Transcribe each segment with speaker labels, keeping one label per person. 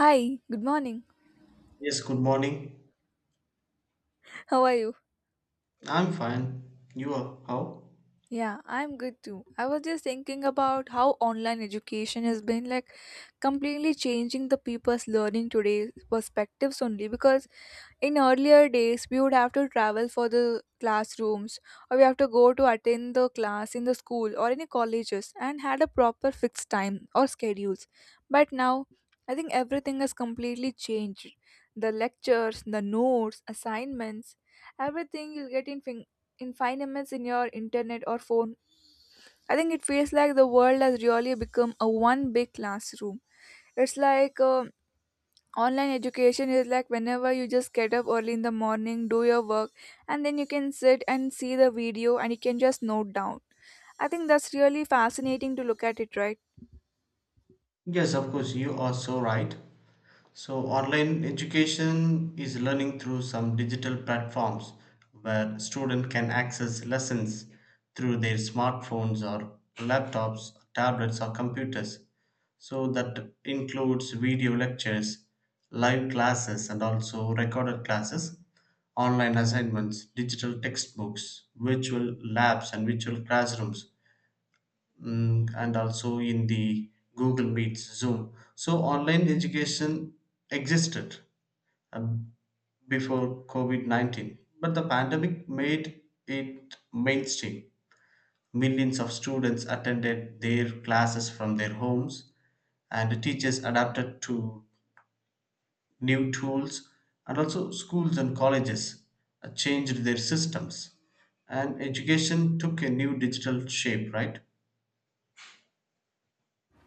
Speaker 1: Hi, good morning.
Speaker 2: Yes, good morning.
Speaker 1: How are you?
Speaker 2: I'm fine. You are how?
Speaker 1: Yeah, I'm good too. I was just thinking about how online education has been like completely changing the people's learning today's perspectives only because in earlier days we would have to travel for the classrooms, or we have to go to attend the class in the school or any colleges and had a proper fixed time or schedules. But now I think everything has completely changed. The lectures, the notes, assignments, everything you'll get in 5 minutes in your internet or phone. I think it feels like the world has really become a one big classroom. It's like online education is like whenever you just get up early in the morning, do your work, and then you can sit and see the video and you can just note down. I think that's really fascinating to look at it, right?
Speaker 2: Yes, of course, you are so right. So, online education is learning through some digital platforms where students can access lessons through their smartphones or laptops, tablets, or computers. So, that includes video lectures, live classes, and also recorded classes, online assignments, digital textbooks, virtual labs, and virtual classrooms and also in the Google Meets, Zoom. So online education existed um, before COVID 19, but the pandemic made it mainstream. Millions of students attended their classes from their homes, and the teachers adapted to new tools, and also schools and colleges changed their systems. And education took a new digital shape, right?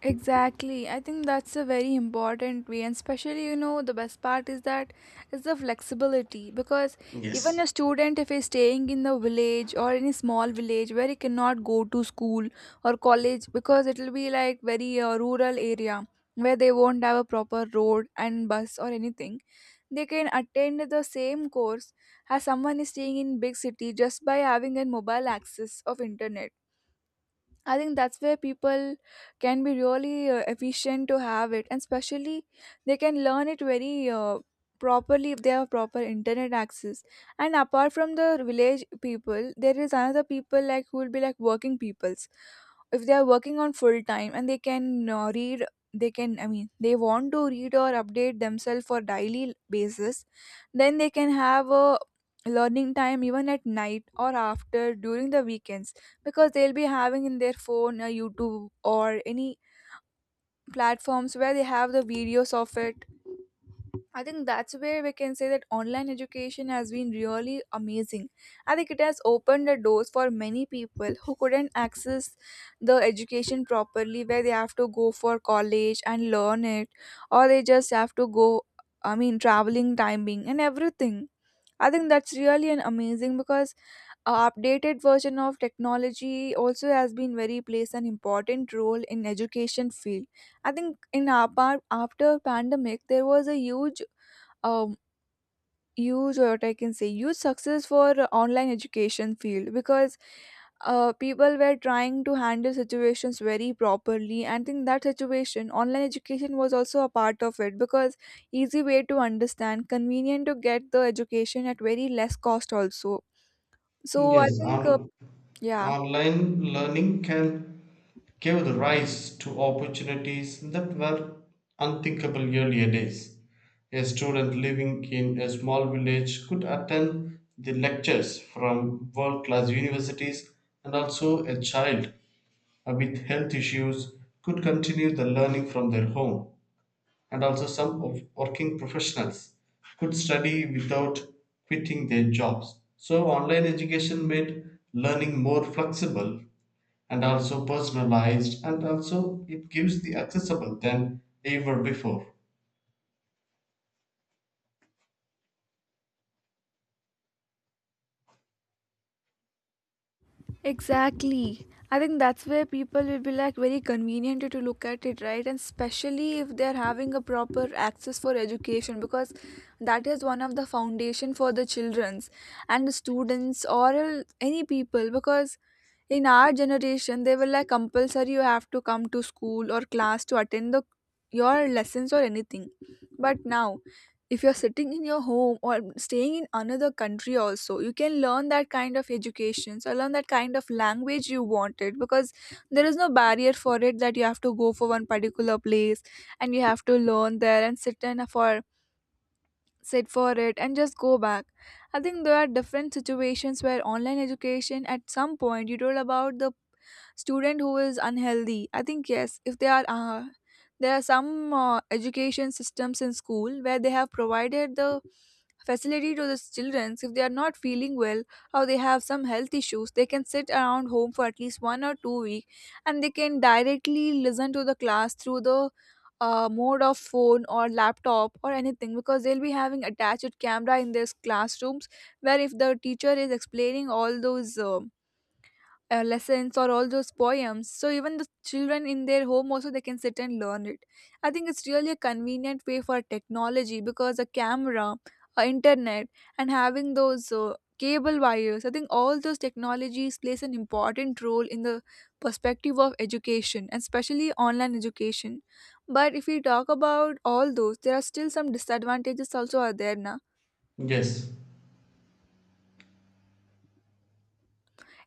Speaker 1: Exactly. I think that's a very important way, and especially, you know, the best part is that is the flexibility because even a
Speaker 2: Yes.
Speaker 1: student, if he's staying in the village or in a small village where he cannot go to school or college because it'll be like very rural area where they won't have a proper road and bus or anything, they can attend the same course as someone is staying in big city just by having a mobile access of internet. I think that's where people can be really efficient to have it, and especially they can learn it very properly if they have proper internet access. And apart from the village people, there is another people like who will be like working peoples. If they are working on full time and they can read, they can, I mean, they want to read or update themselves for daily basis, then they can have a learning time even at night or after during the weekends because they'll be having in their phone a youtube or any platforms where they have the videos of it. I think that's where we can say that online education has been really amazing. I think it has opened the doors for many people who couldn't access the education properly where they have to go for college and learn it, or they just have to go, I mean traveling timing and everything. I think that's really an amazing because updated version of technology also has been very plays an important role in education field. I think in apart after pandemic there was a huge um huge or what I can say huge success for online education field because people were trying to handle situations very properly, and in that situation online education was also a part of it because easy way to understand, convenient to get the education at very less cost also. So I
Speaker 2: Yes,
Speaker 1: think uh,
Speaker 2: and
Speaker 1: yeah
Speaker 2: online learning can give the rise to opportunities that were unthinkable earlier days. A student living in a small village could attend the lectures from world class universities, and also a child with health issues could continue the learning from their home. And also, some of working professionals could study without quitting their jobs. So, online education made learning more flexible and also personalized, and also it gives the accessible than ever before.
Speaker 1: Exactly. I think that's where people will be like very convenient to look at it, right? And especially if they're having a proper access for education because that is one of the foundation for the children's and the students or any people because in our generation they were like compulsory you have to come to school or class to attend the your lessons or anything. But now, if you're sitting in your home or staying in another country also, you can learn that kind of education or learn that kind of language you wanted because there is no barrier for it that you have to go for one particular place and you have to learn there and sit for it and just go back. I think there are different situations where online education, at some point you told about the student who is unhealthy. I think yes, if they are there are some education systems in school where they have provided the facility to the children. If they are not feeling well or they have some health issues, they can sit around home for at least 1 or 2 week, and they can directly listen to the class through the mode of phone or laptop or anything because they'll be having attached camera in their classrooms where if the teacher is explaining all those lessons or all those poems, so even the children in their home also they can sit and learn it. I think it's really a convenient way for technology, because a camera, a internet, and having those cable wires, I think all those technologies plays an important role in the perspective of education and especially online education. But if we talk about all those, there are still some disadvantages also are there now.
Speaker 2: Yes.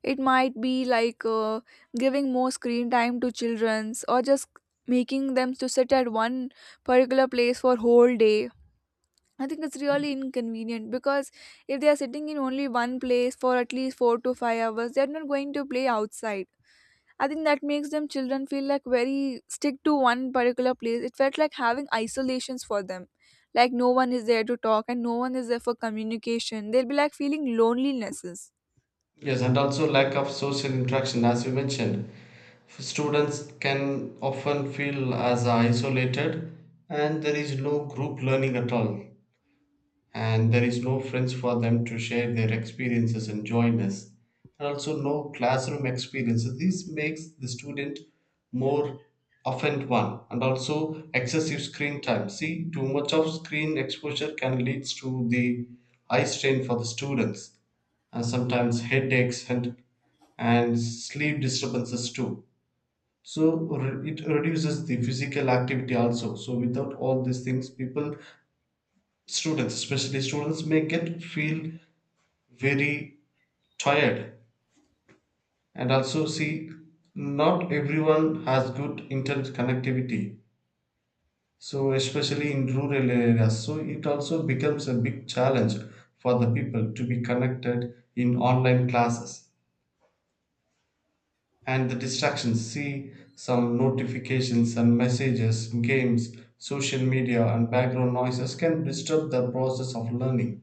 Speaker 1: It might be like giving more screen time to childrens or just making them to sit at one particular place for whole day. I think it's really inconvenient because if they are sitting in only one place for at least 4 to 5 hours, they are not going to play outside. I think that makes them children feel like very stick to one particular place. It felt like having isolations for them. Like no one is there to talk and no one is there for communication. They'll be like feeling lonelinesses.
Speaker 2: Yes, and also lack of social interaction, as you mentioned, students can often feel as isolated, and there is no group learning at all, and there is no friends for them to share their experiences and join us, and also no classroom experience. So this makes the student more offend one. And also excessive screen time. See, too much of screen exposure can lead to the eye strain for the students, and sometimes headaches and sleep disturbances too. So it reduces the physical activity also. So without all these things, people, students, especially students may get feel very tired. And also, see, not everyone has good internet connectivity, so especially in rural areas, so it also becomes a big challenge for the people to be connected in online classes. And the distractions, see, some notifications and messages, games, social media and background noises can disturb the process of learning.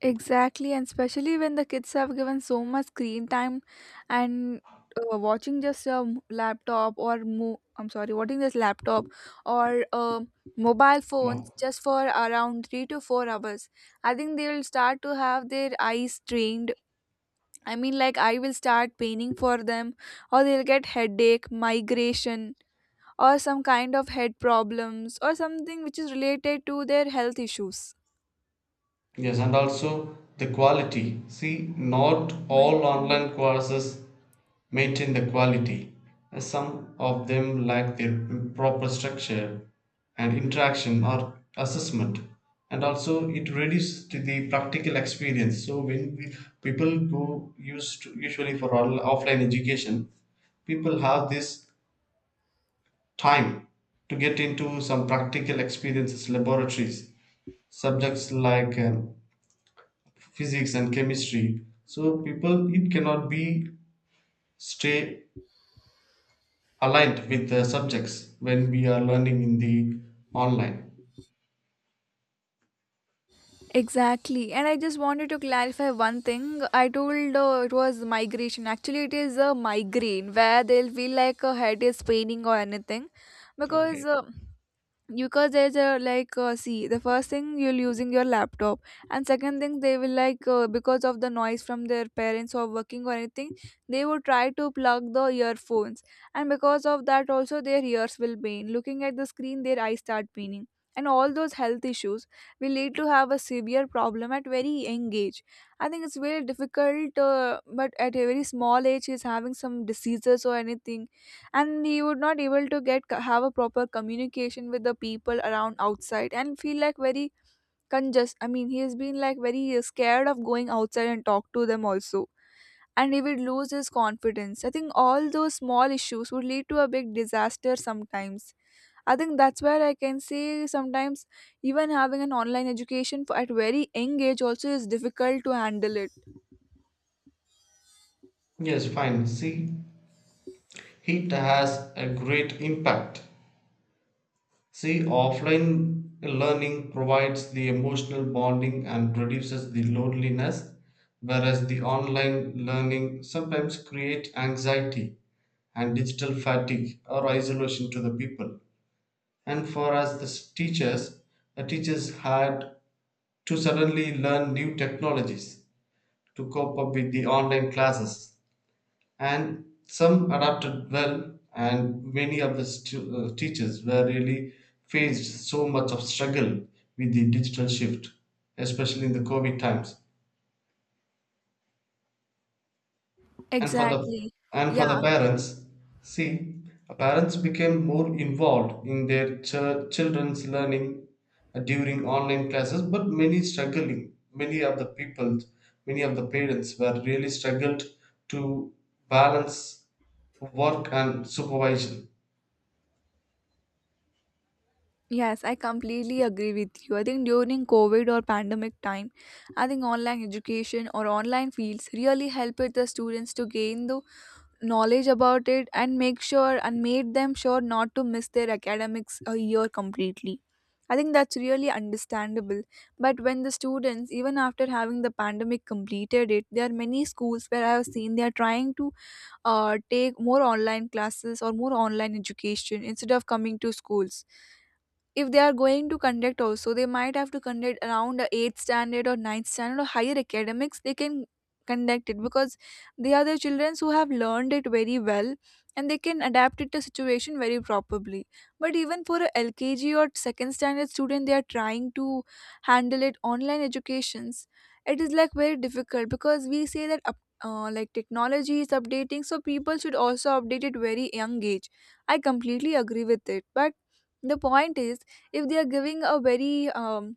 Speaker 1: Exactly, and especially when the kids have given so much screen time and watching just a m- laptop or mo- I'm sorry, watching this laptop or mobile
Speaker 2: Ma-
Speaker 1: phones just for around 3 to 4 hours. I think they will start to have their eyes strained. I mean, like I will start paining for them, or they'll get headache, migration, or some kind of head problems, or something which is related to their health issues.
Speaker 2: Yes, and also the quality. See, not
Speaker 1: My
Speaker 2: all online courses maintain the quality. Some of them lack their proper structure and interaction or assessment. And also, it reduces to the practical experience. So, when we, people go used to, usually for all, offline education, people have this time to get into some practical experiences, laboratories, subjects like physics and chemistry. So people it cannot be stay aligned with the subjects when we are learning in the online.
Speaker 1: Exactly. And I just wanted to clarify one thing. I told it was migration. Actually, it is a migraine where they'll feel like a head is paining or anything. Because
Speaker 2: Okay.
Speaker 1: uh, because there's a like see, the first thing you're using your laptop, and second thing they will like because of the noise from their parents or working or anything, they would try to plug the earphones, and because of that also their ears will pain. Looking at the screen their eyes start paining, and all those health issues will lead to have a severe problem at very young age. I think it's very difficult, but at a very small age he's having some diseases or anything, and he would not able to get have a proper communication with the people around outside and feel like very congested. I mean, he has been like very scared of going outside and talk to them also, and he would lose his confidence. I think all those small issues would lead to a big disaster sometimes. I think that's where I can say sometimes even having an online education for, at very young age also is difficult to handle it.
Speaker 2: Yes, fine. See, it has a great impact. See, offline learning provides the emotional bonding and reduces the loneliness, whereas the online learning sometimes create anxiety and digital fatigue or isolation to the people. And for us the teachers, the teachers had to suddenly learn new technologies to cope up with the online classes. And some adapted well, and many of the teachers were really faced so much of struggle with the digital shift, especially in the COVID times. And for the—
Speaker 1: Exactly.
Speaker 2: and for the
Speaker 1: Yeah.
Speaker 2: parents, see, parents became more involved in their children's learning during online classes. But many struggling, many of the people, many of the parents were really struggled to balance work and supervision.
Speaker 1: Yes, I completely agree with you. I think during COVID or pandemic time, I think online education or online fields really helped the students to gain the knowledge about it and make sure and made them sure not to miss their academics a year completely. I think that's really understandable. But when the students, even after having the pandemic completed it, there are many schools where I have seen they are trying to take more online classes or more online education instead of coming to schools. If they are going to conduct also, they might have to conduct around a eighth standard or ninth standard or higher academics they can conduct it because they are the children who have learned it very well and they can adapt it to situation very properly. But even for a lkg or second standard student, they are trying to handle it online educations. It is like very difficult because we say that like technology is updating, so people should also update it very young age. I completely agree with it, but the point is if they are giving a very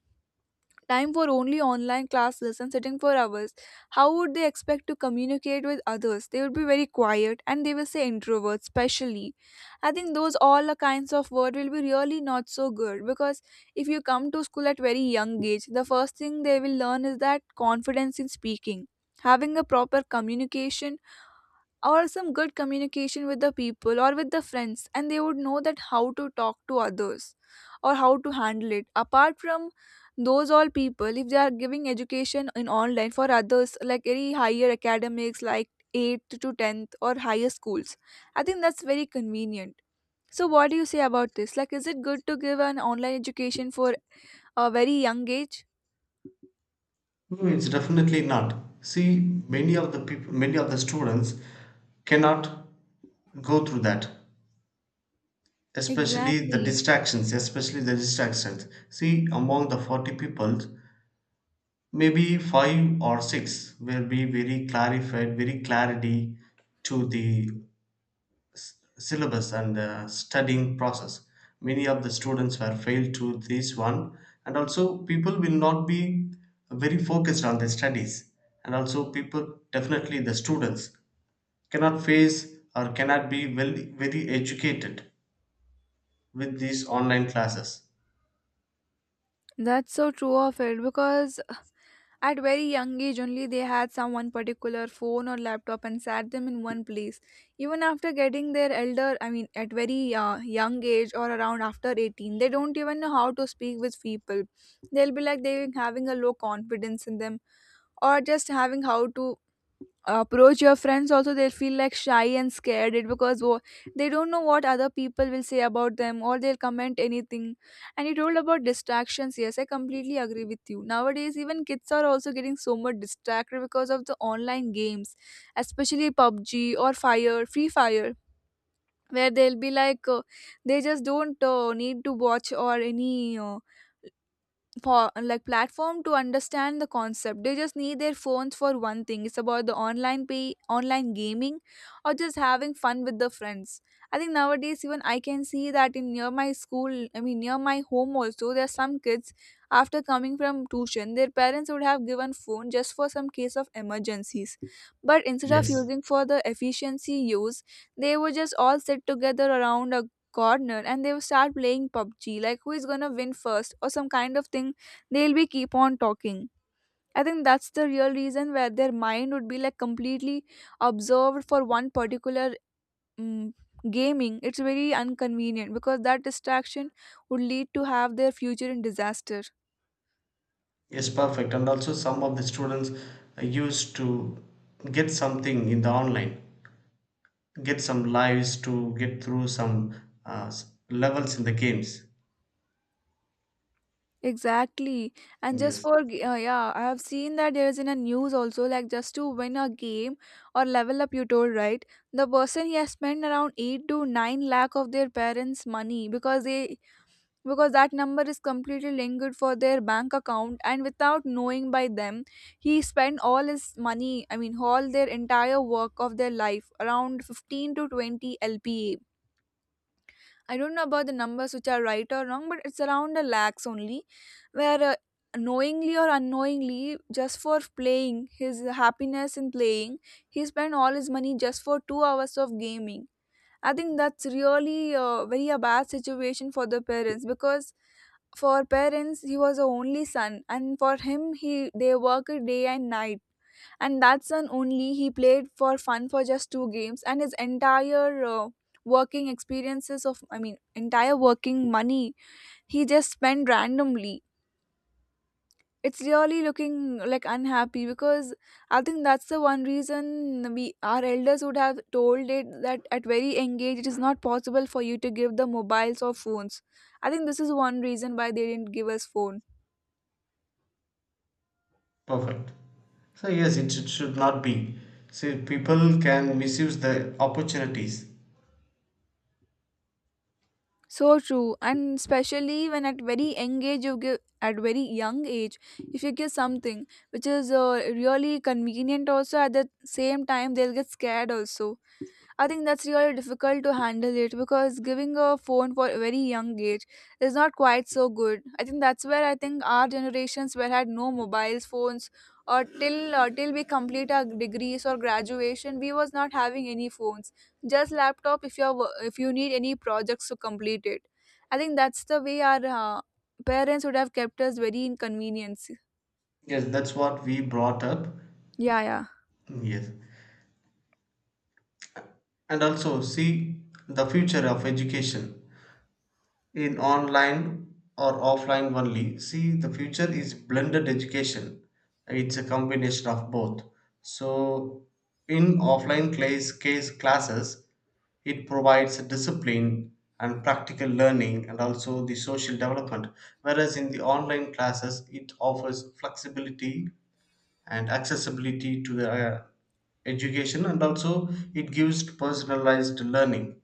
Speaker 1: time for only online classes and sitting for hours, how would they expect to communicate with others? They would be very quiet and they will say introverts especially. I think those all the kinds of word will be really not so good because if you come to school at very young age, the first thing they will learn is that confidence in speaking, having a proper communication, or some good communication with the people or with the friends, and they would know that how to talk to others or how to handle it. Apart from those all people, if they are giving education in online for others like any higher academics like 8th to 10th or higher schools, I think that's very convenient. So what do you say about this, like is it good to give an online education for a very young age?
Speaker 2: No, it's definitely not. See, many of the people, many of the students cannot go through that, especially the
Speaker 1: Exactly.
Speaker 2: distractions, especially the distractions. See, among the 40 people, maybe 5 or 6 will be very clarified, very clarity to the syllabus and the studying process. Many of the students were failed to this one. And also people will not be very focused on their studies. And also people, definitely the students cannot face or cannot be well, very educated with these online classes.
Speaker 1: That's so true of it, because at very young age only they had some one particular phone or laptop and sat them in one place. Even after getting their elder, I mean at very young age or around after 18, they don't even know how to speak with people. They'll be like they having a low confidence in them, or just having how to approach your friends. Also they feel like shy and scared it because they don't know what other people will say about them or they'll comment anything. And you told about distractions, yes, I completely agree with you. Nowadays even kids are also getting so much distracted because of the online games, especially PUBG or fire free fire, where they'll be like they just don't need to watch or any for like platform to understand the concept. They just need their phones for one thing, it's about the online gaming or just having fun with the friends. I think nowadays even I can see that, in near my school, I mean near my home also, there are some kids. After coming from tuition their parents would have given phone just for some case of emergencies, but instead of
Speaker 2: Yes.
Speaker 1: using for the efficiency use, they would just all sit together around a corner and they will start playing PUBG, like who is gonna win first or some kind of thing. They'll be keep on talking. I think that's the real reason where their mind would be like completely observed for one particular um, gaming. It's very inconvenient because that distraction would lead to have their future in disaster.
Speaker 2: Yes, perfect. And also, some of the students used to get something in the online, get some lives to get through some levels in the games.
Speaker 1: Exactly. And just
Speaker 2: Yes,
Speaker 1: for, yeah, I have seen that there is in a news also, like just to win a game or level up, you told, right? The person he has spent around 8 to 9 lakh of their parents' money, because they, because that number is completely linked for their bank account and without knowing by them he spent all his money. I mean all their entire work of their life around 15 to 20 lpa. I don't know about the numbers which are right or wrong, but it's around a lakhs only, where knowingly or unknowingly, just for playing his happiness in playing he spent all his money just for 2 hours of gaming. I think that's really very a bad situation for the parents, because for parents he was the only son and for him he they work day and night. And that son only he played for fun for just two games and his entire working experiences of, I mean entire working money, he just spent randomly. It's really looking like unhappy because I think that's the one reason we, our elders would have told it, that at very engaged it is not possible for you to give the mobiles or phones. I think this is one reason why they didn't give us phone.
Speaker 2: perfect. So, yes, it should not be. See, people can misuse the opportunities.
Speaker 1: So true, and especially when at very engaged you give, at very young age, if you give something which is really convenient, also at the same time they'll get scared also. I think that's really difficult to handle it because giving a phone for a very young age is not quite so good. I think that's where, I think our generations were had no mobiles, phones, or till till we complete our degrees or graduation, we was not having any phones. Just laptop if you are, if you need any projects to complete it. I think that's the way our parents would have kept us very inconvenienced.
Speaker 2: Yes, that's what we brought up.
Speaker 1: Yeah, yeah.
Speaker 2: Yes. And also, see, the future of education, in online or offline only. See, the future is blended education. It's a combination of both. So, in offline class, case classes, it provides a discipline and practical learning and also the social development. Whereas in the online classes, it offers flexibility and accessibility to the education, and also it gives personalized learning.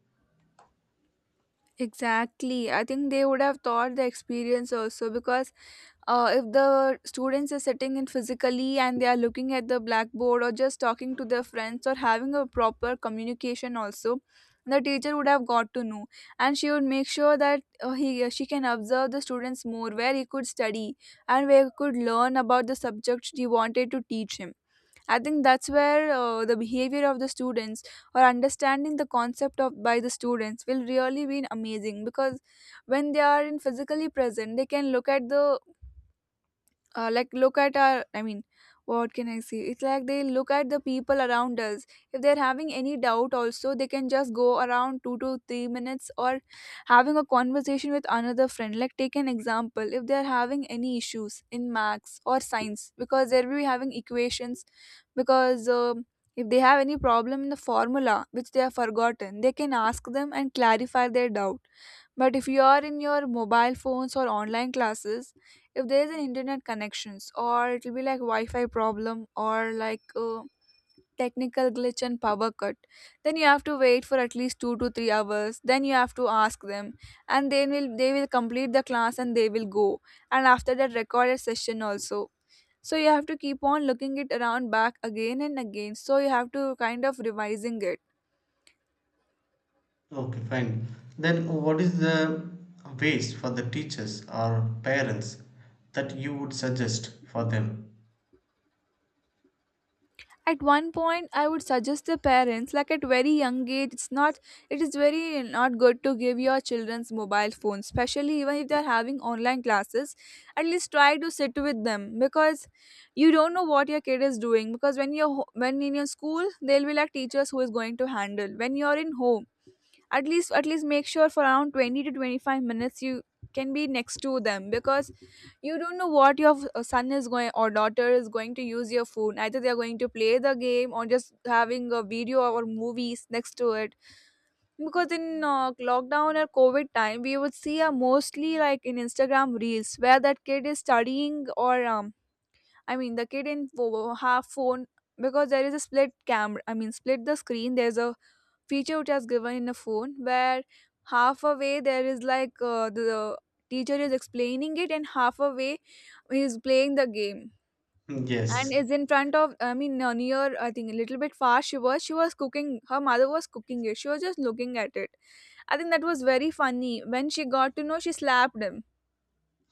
Speaker 1: Exactly. I think they would have thought the experience also because if the students are sitting in physically and they are looking at the blackboard or just talking to their friends or having a proper communication also, the teacher would have got to know, and she would make sure that he she can observe the students more where he could study and where he could learn about the subject she wanted to teach him. I think that's where the behavior of the students or understanding the concept of by the students will really be amazing, because when they are in physically present they can look at the like look at our, I mean what can I say, it's like they look at the people around us. If they're having any doubt also they can just go around 2 to 3 minutes or having a conversation with another friend, like take an example, if they're having any issues in maths or science because they'll be having equations, because if they have any problem in the formula which they have forgotten they can ask them and clarify their doubt. But if you are in your mobile phones or online classes, if there is an internet connections, or it will be like wi-fi problem, or like technical glitch and power cut, then you have to wait for at least 2 to 3 hours, then you have to ask them. And then will they will complete the class and they will go, and after that recorded session also, so you have to keep on looking it around back again and again, so you have to kind of revising it.
Speaker 2: Okay, fine. Then what is the ways for the teachers or parents that you would suggest for them?
Speaker 1: At one point I would suggest the parents, like at very young age it's not, it is very not good to give your children's mobile phone, especially even if they're having online classes. At least try to sit with them because you don't know what your kid is doing, because when you're when in your school they'll be like teachers who is going to handle, when you're in home at least make sure for around 20 to 25 minutes you can be next to them, because you don't know what your son is going or daughter is going to use your phone, either they are going to play the game or just having a video or movies next to it. Because in lockdown or COVID time we would see mostly like in Instagram reels where that kid is studying or I mean the kid in have phone. Because there is a split camera, I mean split the screen, there's a feature which has given in a phone where half a way there is like the teacher is explaining it, and half a way he is playing the game.
Speaker 2: Hmm.
Speaker 1: And
Speaker 2: Yes.
Speaker 1: is in front of, I mean near, I think a little bit far, she was, she was cooking, her mother was cooking it, she was just looking at it. I think that was very funny. When she got to know she slapped him.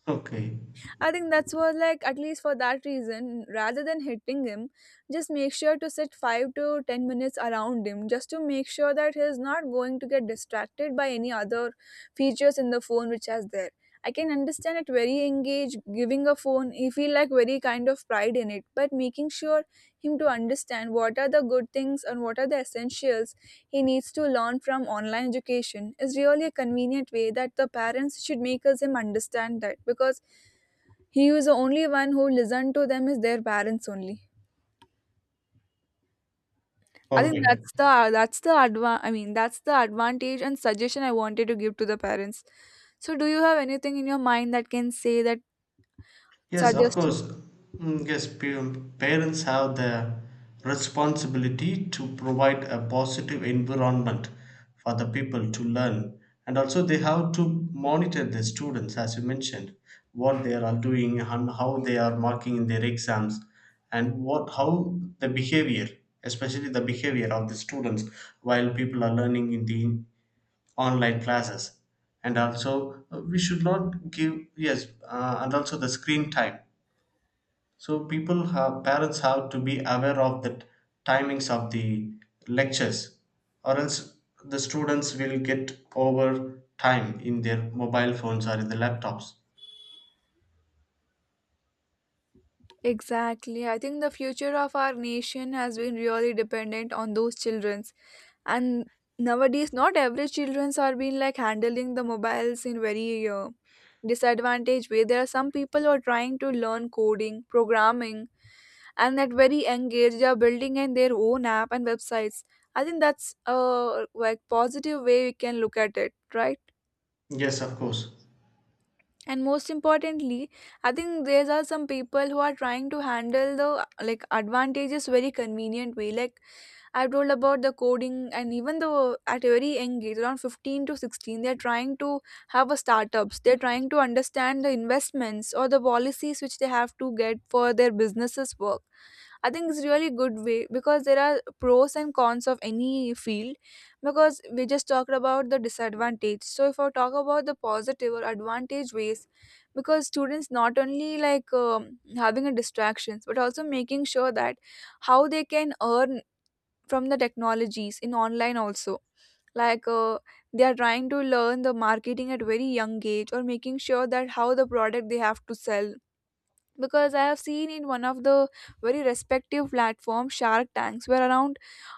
Speaker 2: Okay.
Speaker 1: I think that's what, like, at least for that reason, rather than hitting him, just make sure to sit 5 to 10 minutes around him just to make sure that he's not going to get distracted by any other features in the phone which has there. I can understand it very engaged, giving a phone, he feel like very kind of pride in it, but making sure him to understand what are the good things and what are the essentials he needs to learn from online education is really a convenient way that the parents should make us him understand that, because he was the only one who listened to them is their parents only. I think
Speaker 2: Perfect.
Speaker 1: that's the, that's the I mean that's the advantage and suggestion I wanted to give to the parents. So do you have anything in your mind that can say that
Speaker 2: Yes, of
Speaker 1: suggested?
Speaker 2: course. Mm, yes, parents have the responsibility to provide a positive environment for the people to learn. And also, they have to monitor the students, as you mentioned, what they are doing and how they are marking in their exams, and what how the behavior, especially the behavior of the students while people are learning in the online classes. And also, we should not give, yes, and also the screen time, so people have parents have to be aware of the timings of the lectures, or else the students will get over time in their mobile phones or in the laptops.
Speaker 1: Exactly. I think the future of our nation has been really dependent on those childrens. And nowadays, not every childrens are being like handling the mobiles in very disadvantage way. There are some people who are trying to learn coding, programming, and at very young age they are building in their own app and websites. I think that's a like positive way we can look at it, right?
Speaker 2: Yes, of course.
Speaker 1: And most importantly I think there are some people who are trying to handle the like advantages very convenient way, like I told about the coding, and even though at a very young age around 15 to 16 they're trying to have a startups, they're trying to understand the investments or the policies which they have to get for their businesses work. I think it's really good way because there are pros and cons of any field, because we just talked about the disadvantage. So if I talk about the positive or advantage ways, because students not only like having a distractions but also making sure that how they can earn from the technologies in online also, like they are trying to learn the marketing at very young age, or making sure that how the product they have to sell. Because I have seen in one of the very respective platform Shark Tanks, where around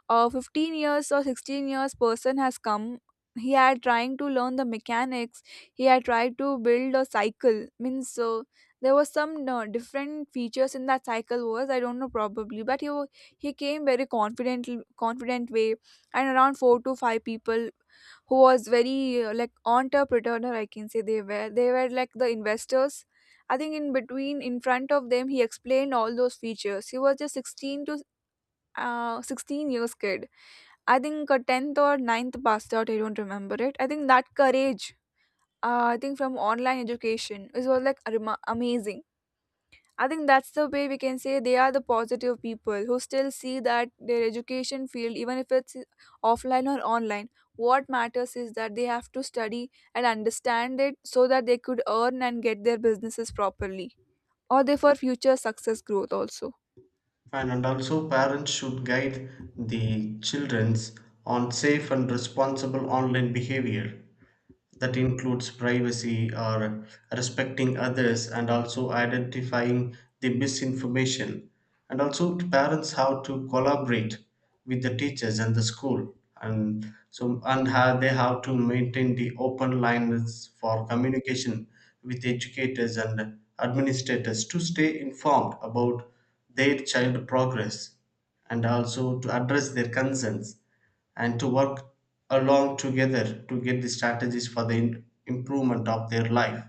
Speaker 1: 15 years or 16 years person has come. He had trying to learn the mechanics. He had tried to build a cycle means, so there was some different features in that cycle, was, I don't know probably, but he came very confident way. And around 4 to 5 people who was very like entrepreneur, I can say, they were like the investors. I think in between, in front of them, he explained all those features. He was just 16 years kid. I think a 10th or ninth passed out, I don't remember it. I think that courage, I think from online education, it was like amazing. I think that's the way we can say they are the positive people who still see that their education field, even if it's offline or online, what matters is that they have to study and understand it so that they could earn and get their businesses properly, or they for future success growth also.
Speaker 2: And also parents should guide the childrens on safe and responsible online behavior. That includes privacy or respecting others, and also identifying the misinformation, and also to parents how to collaborate with the teachers and the school, and so and how they have to maintain the open lines for communication with educators and administrators to stay informed about their child progress, and also to address their concerns, and to work along together to get the strategies for the improvement of their life.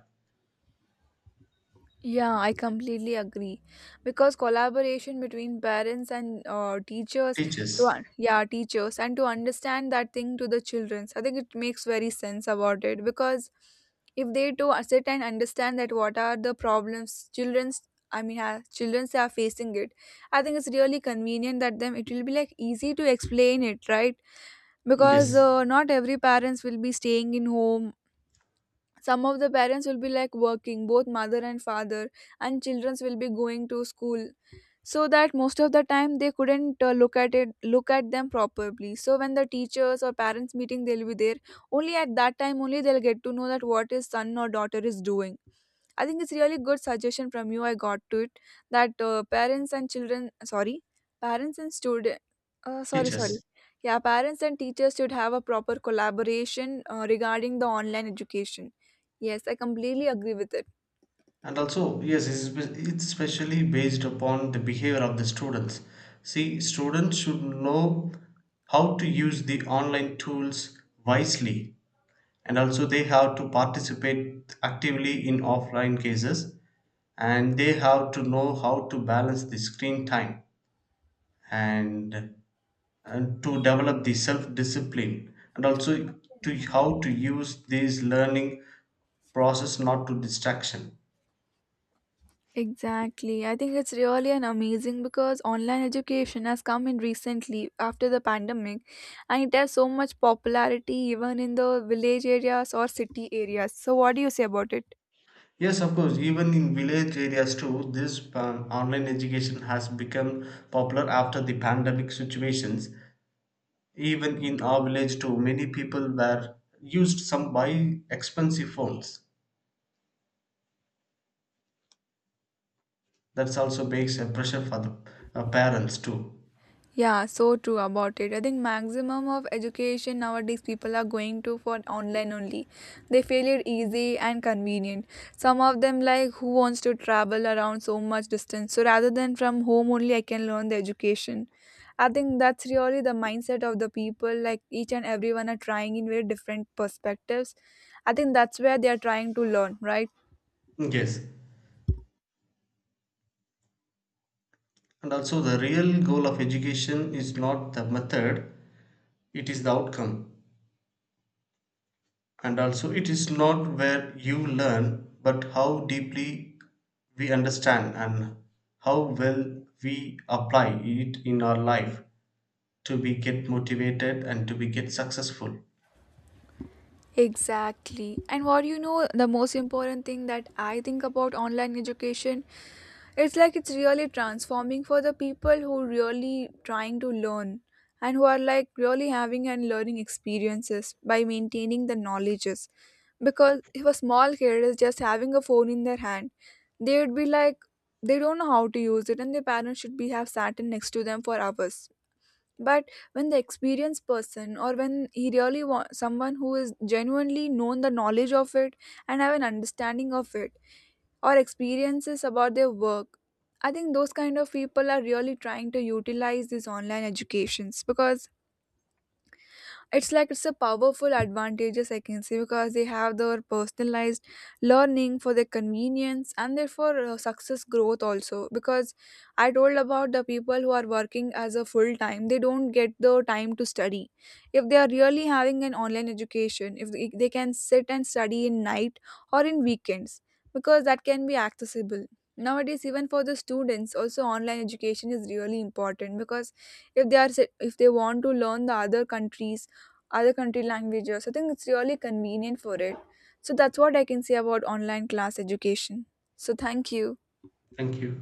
Speaker 1: Yeah, I completely agree, because collaboration between parents and teachers,
Speaker 2: Teachers.
Speaker 1: yeah, teachers, and to understand that thing to the children. I think it makes very sense about it, because if they to sit and understand that what are the problems children's, I mean, children's are facing it, I think it's really convenient that them it will be like easy to explain it, right? Because
Speaker 2: Yes,
Speaker 1: not every parents will be staying in home. Some of the parents will be like working, both mother and father, and children will be going to school, so that most of the time they couldn't look at them properly. So when the teachers or parents meeting, they'll be there, only at that time only they'll get to know that what his son or daughter is doing. I think it's really good suggestion from you, I got to it, that parents and children, sorry, parents and student, sorry, sorry,
Speaker 2: teachers.
Speaker 1: yeah, parents and teachers should have a proper collaboration regarding the online education. Yes, I completely agree with it.
Speaker 2: And also, yes, it's it's especially based upon the behavior of the students. See, students should know how to use the online tools wisely, and also they have to participate actively in offline cases, and they have to know how to balance the screen time, and, and to develop the self discipline, and also to how to use this learning process, not to distraction.
Speaker 1: Exactly. I think it's really an amazing, because online education has come in recently after the pandemic, and it has so much popularity even in the village areas or city areas. So what do you say about it?
Speaker 2: Yes, of course. Even in village areas too, this online education has become popular after the pandemic situations. Even in our village too, many people were used some by expensive phones. That's also makes a pressure for the parents too.
Speaker 1: Yeah, so true about it. I think maximum of education nowadays, people are going to for online only. They feel it easy and convenient. Some of them like who wants to travel around so much distance. So rather than from home only I can learn the education. I think that's really the mindset of the people, like each and everyone are trying in very different perspectives. I think that's where they are trying to learn, right?
Speaker 2: Yes. And also, the real goal of education is not the method, it is the outcome. And also, it is not where you learn, but how deeply we understand and how well we apply it in our life to be get motivated and to be get successful.
Speaker 1: Exactly. And what do you know, the most important thing that I think about online education, it's like it's really transforming for the people who really trying to learn, and who are like really having and learning experiences by maintaining the knowledges. Because if a small kid is just having a phone in their hand, they would be like they don't know how to use it, and their parents should be have sat in next to them for hours. But when the experienced person, or when he really wants someone who is genuinely known the knowledge of it and have an understanding of it, or experiences about their work, I think those kind of people are really trying to utilize these online educations, because it's like it's a powerful advantages, I can say, because they have their personalized learning for their convenience, and therefore success growth also. Because I told about the people who are working as a full time, they don't get the time to study. If they are really having an online education, if they can sit and study in night or in weekends, because that can be accessible nowadays. Even for the students also, online education is really important because if they want to learn the other countries, other country languages. So, I think it's really convenient for it. So that's what I can say about online class education. So thank you.
Speaker 2: Thank you.